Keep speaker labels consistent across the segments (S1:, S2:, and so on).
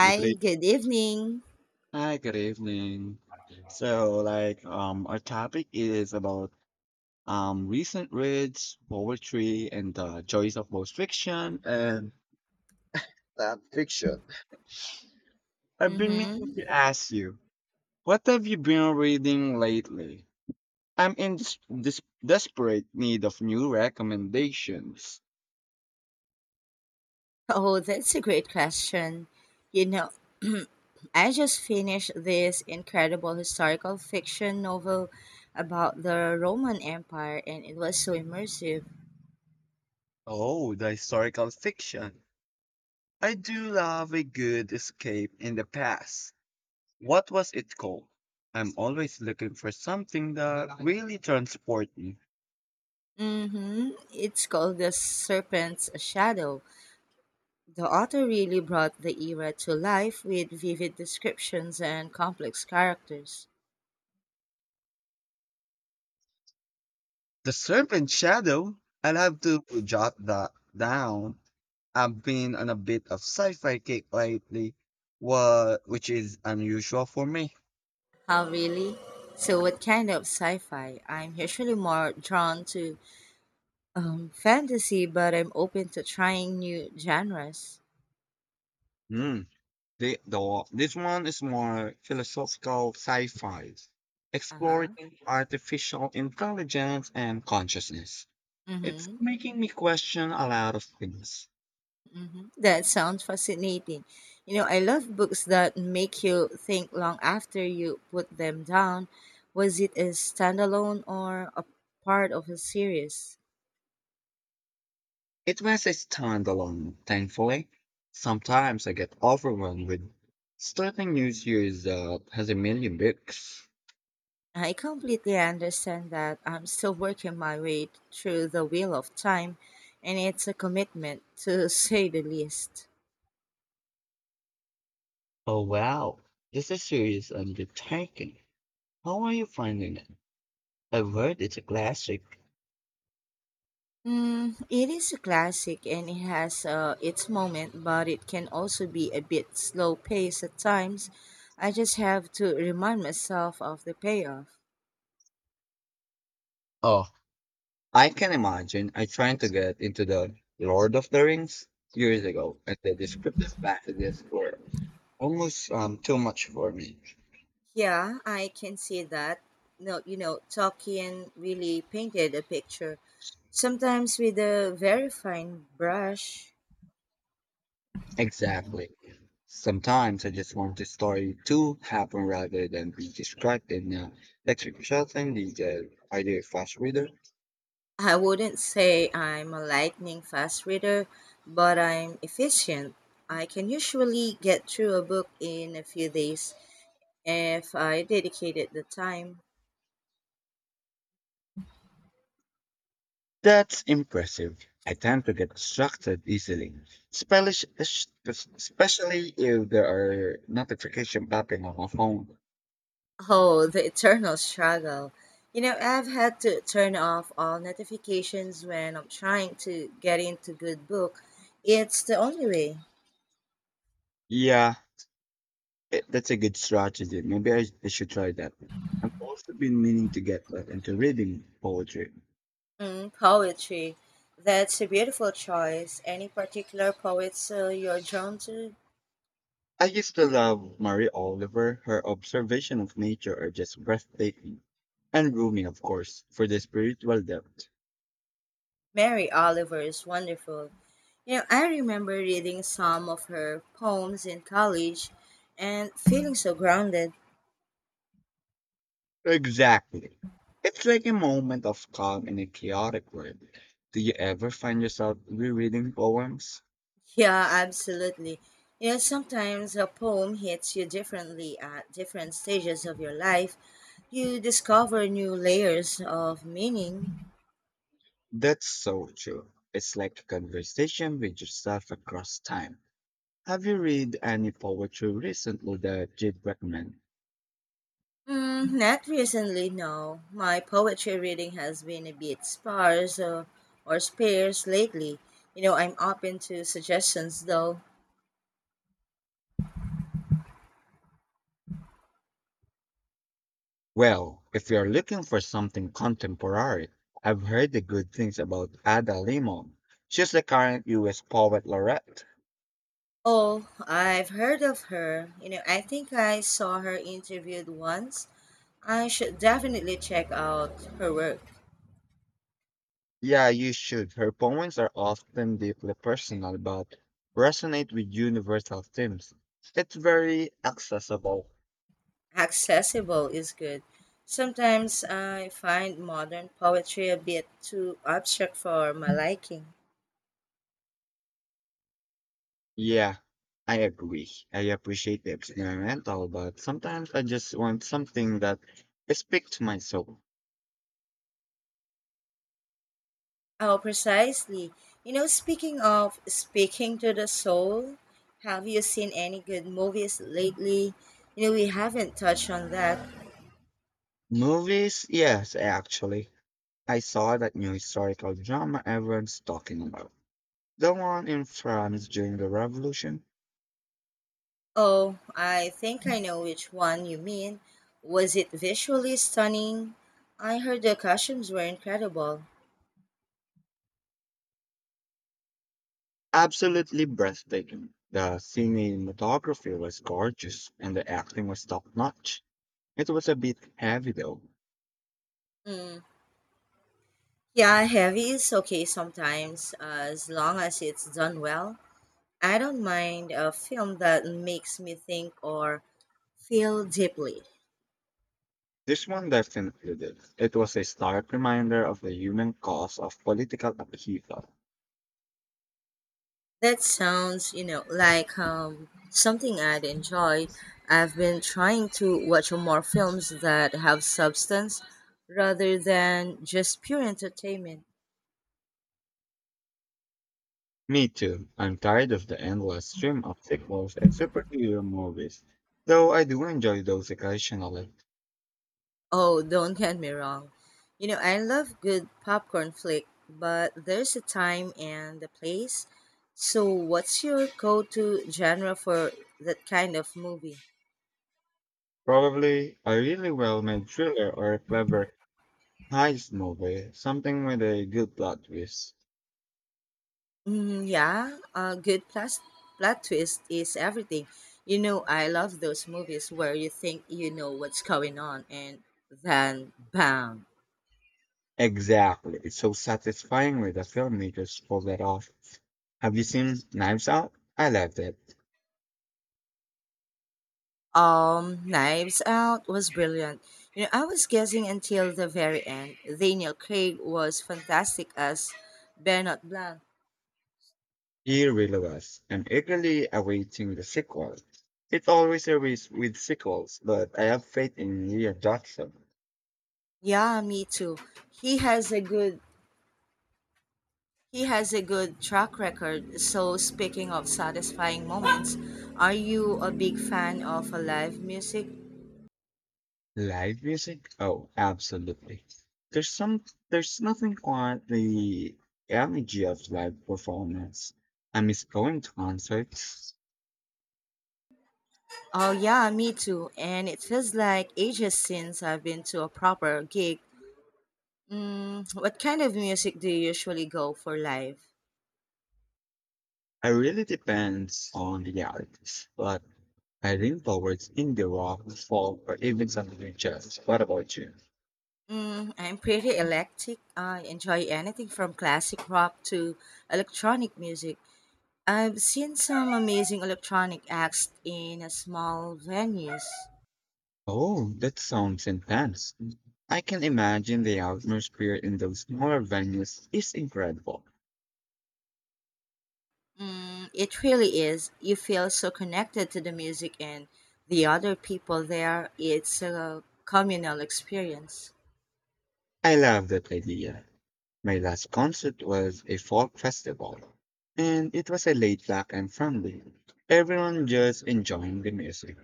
S1: With Ray.
S2: good evening.
S1: Hi, good evening. Our topic is about recent reads, poetry, and the joys of both fiction. And uh, I've been meaning
S2: Mm-hmm.
S1: to ask you, what have you been reading lately? I'm in this desperate need of new recommendations.
S2: Oh, that's a great question. You know, I just finished this incredible historical fiction novel about the Roman Empire, and it was so immersive.
S1: Oh, the historical fiction. I do love a good escape in the past. What was it called? I'm always looking for something that really transports me.
S2: Mm-hmm. It's called The Serpent's Shadow. The author really brought the era to life with vivid descriptions and complex characters.
S1: The Serpent Shadow? I'll have to jot that down. I've been on a bit of sci-fi kick lately, which is unusual for me.
S2: How really? So, what kind of sci fi? I'm usually more drawn to fantasy, but I'm open to trying new genres.
S1: Hmm. This one is more philosophical sci-fi, exploring
S2: Uh-huh.
S1: artificial intelligence and consciousness. It's
S2: Mm-hmm.
S1: making me question a lot of things.
S2: Mm-hmm. That sounds fascinating. You know, I love books that make you think long after you put them down. Was it a standalone or a part of a series?
S1: It was a standalone, thankfully. Sometimes I get overwhelmed with starting new series that has a million books.
S2: I completely understand that I'm still working my way through the wheel of time, and it's a commitment to say the least.
S1: Oh wow, this is a serious undertaking. How are you finding it? I've heard it's a classic.
S2: Mm, it is a classic and it has its moment, but it can also be a bit slow paced at times. I just have to remind myself of the payoff.
S1: Oh, I can imagine. I tried to get into the Lord of the Rings years ago, and the descriptive passages were almost too much for me.
S2: Yeah, I can see that. No, you know, Tolkien really painted a picture, sometimes with a very fine brush.
S1: Exactly. Sometimes I just want the story to happen rather than be described in electric shutting detail. Are you a fast reader?
S2: I wouldn't say I'm a lightning fast reader, but I'm efficient. I can usually get through a book in a few days if I dedicated the time.
S1: That's impressive. I tend to get distracted easily, espelish- es- especially if there are notification popping on my phone.
S2: Oh, the eternal struggle. You know, I've had to turn off all notifications when I'm trying to get into good book. It's the only way.
S1: Yeah, that's a good strategy. Maybe I should try that. I've also been meaning to get back into reading poetry.
S2: Mm, poetry. That's a beautiful choice. Any particular poets you're drawn to?
S1: I used to love Mary Oliver. Her observation of nature are just breathtaking. And Rumi, of course, for the spiritual depth.
S2: Mary Oliver is wonderful. You know, I remember reading some of her poems in college and feeling so grounded.
S1: Exactly. It's like a moment of calm in a chaotic world. Do you ever find yourself rereading poems?
S2: Yeah, absolutely. You know, sometimes a poem hits you differently at different stages of your life. You discover new layers of meaning.
S1: That's so true. It's like a conversation with yourself across time. Have you read any poetry recently that you'd recommend?
S2: Mm, not recently, no. My poetry reading has been a bit sparse or sparse lately. You know, I'm open to suggestions though.
S1: Well, if you're looking for something contemporary, I've heard the good things about Ada Limon. She's the current US poet laureate.
S2: Oh, I've heard of her. You know, I think I saw her interviewed once. I should definitely check out her work.
S1: Yeah, you should. Her poems are often deeply personal but resonate with universal themes. It's very accessible.
S2: Accessible is good. Sometimes I find modern poetry a bit too abstract for my liking.
S1: Yeah, I agree. I appreciate the experimental, but sometimes I just want something that speaks to my soul.
S2: Oh, precisely. You know, speaking of speaking to the soul, have you seen any good movies lately? You know, we haven't touched on that.
S1: Movies? Yes, actually. I saw that new historical drama everyone's talking about. The one in France during the Revolution.
S2: Oh, I think I know which one you mean. Was it visually stunning? I heard the costumes were incredible.
S1: Absolutely breathtaking. The cinematography was gorgeous and the acting was top notch. It was a bit heavy though.
S2: Mm. Yeah, heavy is okay sometimes, as long as it's done well. I don't mind a film that makes me think or feel deeply.
S1: This one definitely did. It was a stark reminder of the human cost of political upheaval.
S2: That sounds, you know, like something I'd enjoy. I've been trying to watch more films that have substance rather than just pure entertainment.
S1: Me too. I'm tired of the endless stream of sequels and superhero movies, though I do enjoy those occasionally.
S2: Oh, don't get me wrong. You know, I love good popcorn flick, but there's a time and a place. So, what's your go to genre for that kind of movie?
S1: Probably a really well-made thriller or a clever heist movie, something with a good plot twist.
S2: Mm, yeah, a plot twist is everything. You know, I love those movies where you think you know what's going on and then bam.
S1: Exactly. It's so satisfying when the filmmakers pull that off. Have you seen Knives Out? I loved it.
S2: Knives Out was brilliant. You know, I was guessing until the very end. Daniel Craig was fantastic as Bernard Blanc.
S1: He really was. I'm eagerly awaiting the sequel. It's always a risk with sequels, but I have faith in Lee Jackson.
S2: Yeah, me too. He has a good he has a good track record. So speaking of satisfying moments, are you a big fan of live music?
S1: Live music? Oh, absolutely. There's some there's nothing quite the energy of live performance. I miss going to concerts.
S2: Oh yeah, me too. And it feels like ages since I've been to a proper gig. Mm, what kind of music do you usually go for live?
S1: It really depends on the artist, but I lean towards indie rock, folk, or even something like jazz. What about you?
S2: Mm, I'm pretty eclectic. I enjoy anything from classic rock to electronic music. I've seen some amazing electronic acts in a small venues.
S1: Oh, that sounds intense. I can imagine the atmosphere in those smaller venues is incredible.
S2: Mm, it really is. You feel so connected to the music and the other people there. It's a communal experience.
S1: I love that idea. My last concert was a folk festival, and it was a laid back and friendly. Everyone just enjoying the music.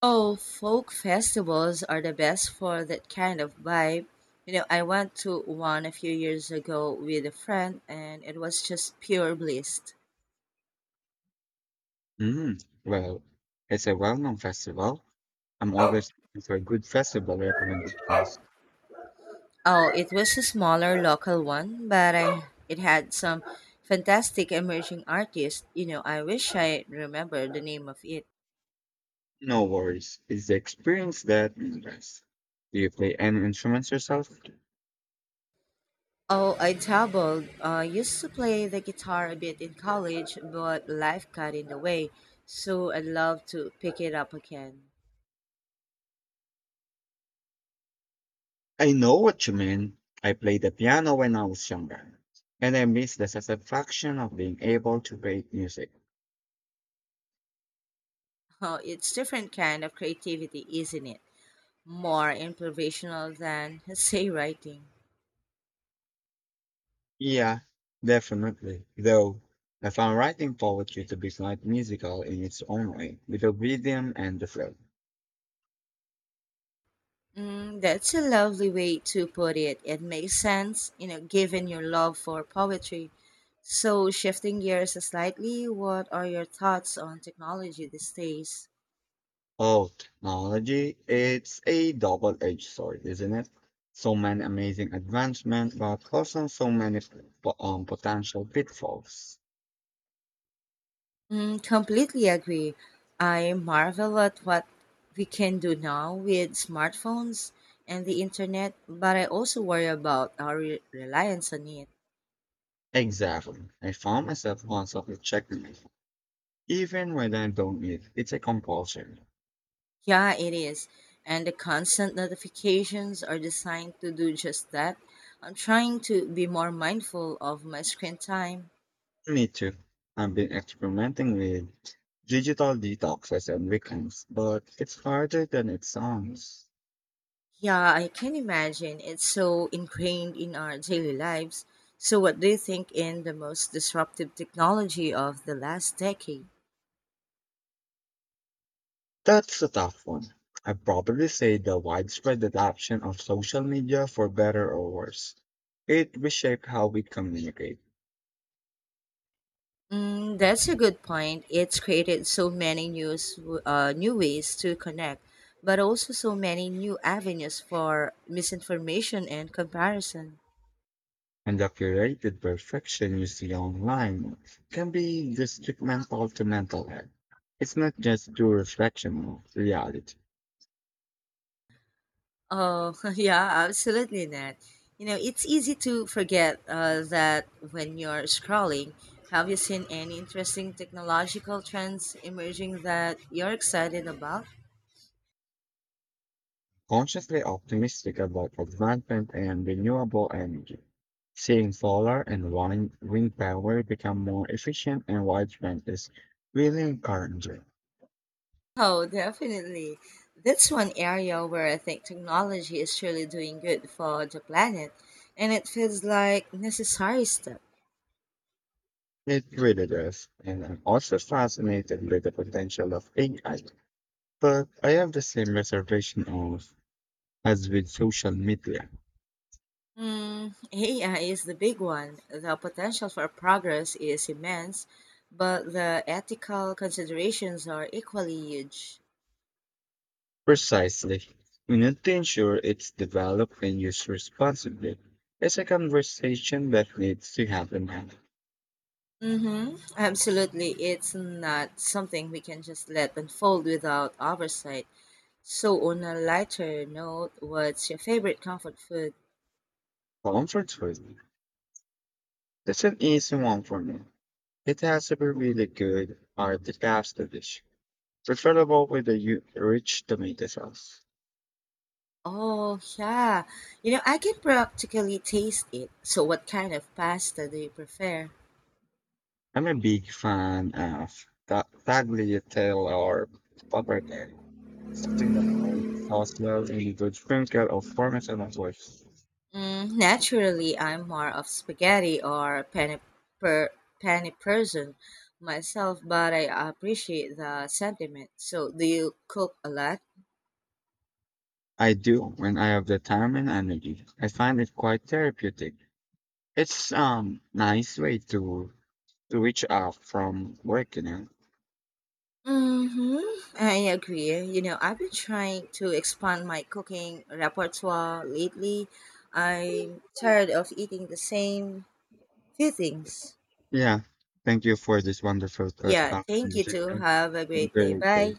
S2: Oh, folk festivals are the best for that kind of vibe. You know, I went to one a few years ago with a friend, and it was just pure bliss.
S1: Well, it's a well known festival. I'm always looking for good festival recommendations.
S2: Oh, it was a smaller local one, it had some fantastic emerging artists. You know, I wish I remember the name of it.
S1: No worries. It's the experience that matters. Do you play any instruments yourself?
S2: Oh, I dabbled. I used to play the guitar a bit in college, but life got in the way. So I'd love to pick it up again.
S1: I know what you mean. I played the piano when I was younger, and I miss the satisfaction of being able to create music.
S2: Oh, it's different kind of creativity, isn't it? More improvisational than say writing.
S1: Yeah, definitely. Though I found writing poetry to be quite musical in its own way, with the rhythm and the flow.
S2: Mm, that's a lovely way to put it. It makes sense, you know, given your love for poetry. So, shifting gears slightly, what are your thoughts on technology these days?
S1: Oh, technology, it's a double-edged sword, isn't it? So many amazing advancements, but also so many potential pitfalls.
S2: Mm, completely agree. I marvel at what we can do now with smartphones and the internet, but I also worry about our reliance on it.
S1: Exactly. I found myself constantly checking it, even when I don't need it. It's a compulsion.
S2: Yeah, it is. And the constant notifications are designed to do just that. I'm trying to be more mindful of my screen time.
S1: Me too. I've been experimenting with digital detoxes and weekends, but it's harder than it sounds.
S2: Yeah, I can imagine it's so ingrained in our daily lives. So, what do you think in the most disruptive technology of the last decade?
S1: That's a tough one. I would probably say the widespread adoption of social media for better or worse. It reshaped how we communicate,
S2: Mm, that's a good point. It's created so many new ways to connect, but also so many new avenues for misinformation and comparison.
S1: and the curated perfection you see online can be detrimental to mental health. It's not just pure reflection of reality.
S2: Oh, yeah, absolutely not. You know, it's easy to forget that when you're scrolling, have you seen any interesting technological trends emerging that you're excited about?
S1: Consciously optimistic about advancement and renewable energy, seeing solar and wind power become more efficient and widespread is really encouraging.
S2: Oh, definitely. That's one area where I think technology is truly doing good for the planet, and it feels like necessary step.
S1: It really does, and I'm also fascinated with the potential of AI. But I have the same reservation of as with social media.
S2: Mm, AI is the big one. The potential for progress is immense, but the ethical considerations are equally huge.
S1: Precisely. We need to ensure it's developed and used responsibly. It's a conversation that needs to happen at
S2: Mm-hmm. Absolutely. It's not something we can just let unfold without oversight. So, on a lighter note, what's your favorite comfort food?
S1: comfort food. That's an easy one for me. It has to be really good or the pasta dish, preferable with a rich tomato sauce.
S2: Oh, yeah. You know, I can practically taste it. So, what kind of pasta do you prefer?
S1: I'm a big fan of tagliatelle or pappardelle, something that holds the sauce well and a good sprinkle of parmesan of course.
S2: Mm, naturally, I'm more of spaghetti or per penny person myself, but I appreciate the sentiment. So, do you cook a lot?
S1: I do when I have the time and energy. I find it quite therapeutic. It's nice way to switch off from work, you know.
S2: Mm-hmm. I agree. You know, I've been trying to expand my cooking repertoire lately. I'm tired of eating the same few things.
S1: Yeah. Thank you for this wonderful
S2: Yeah, thank you too.
S1: conversation.
S2: Have a
S1: Have a
S2: great day.
S1: great day.
S2: Bye.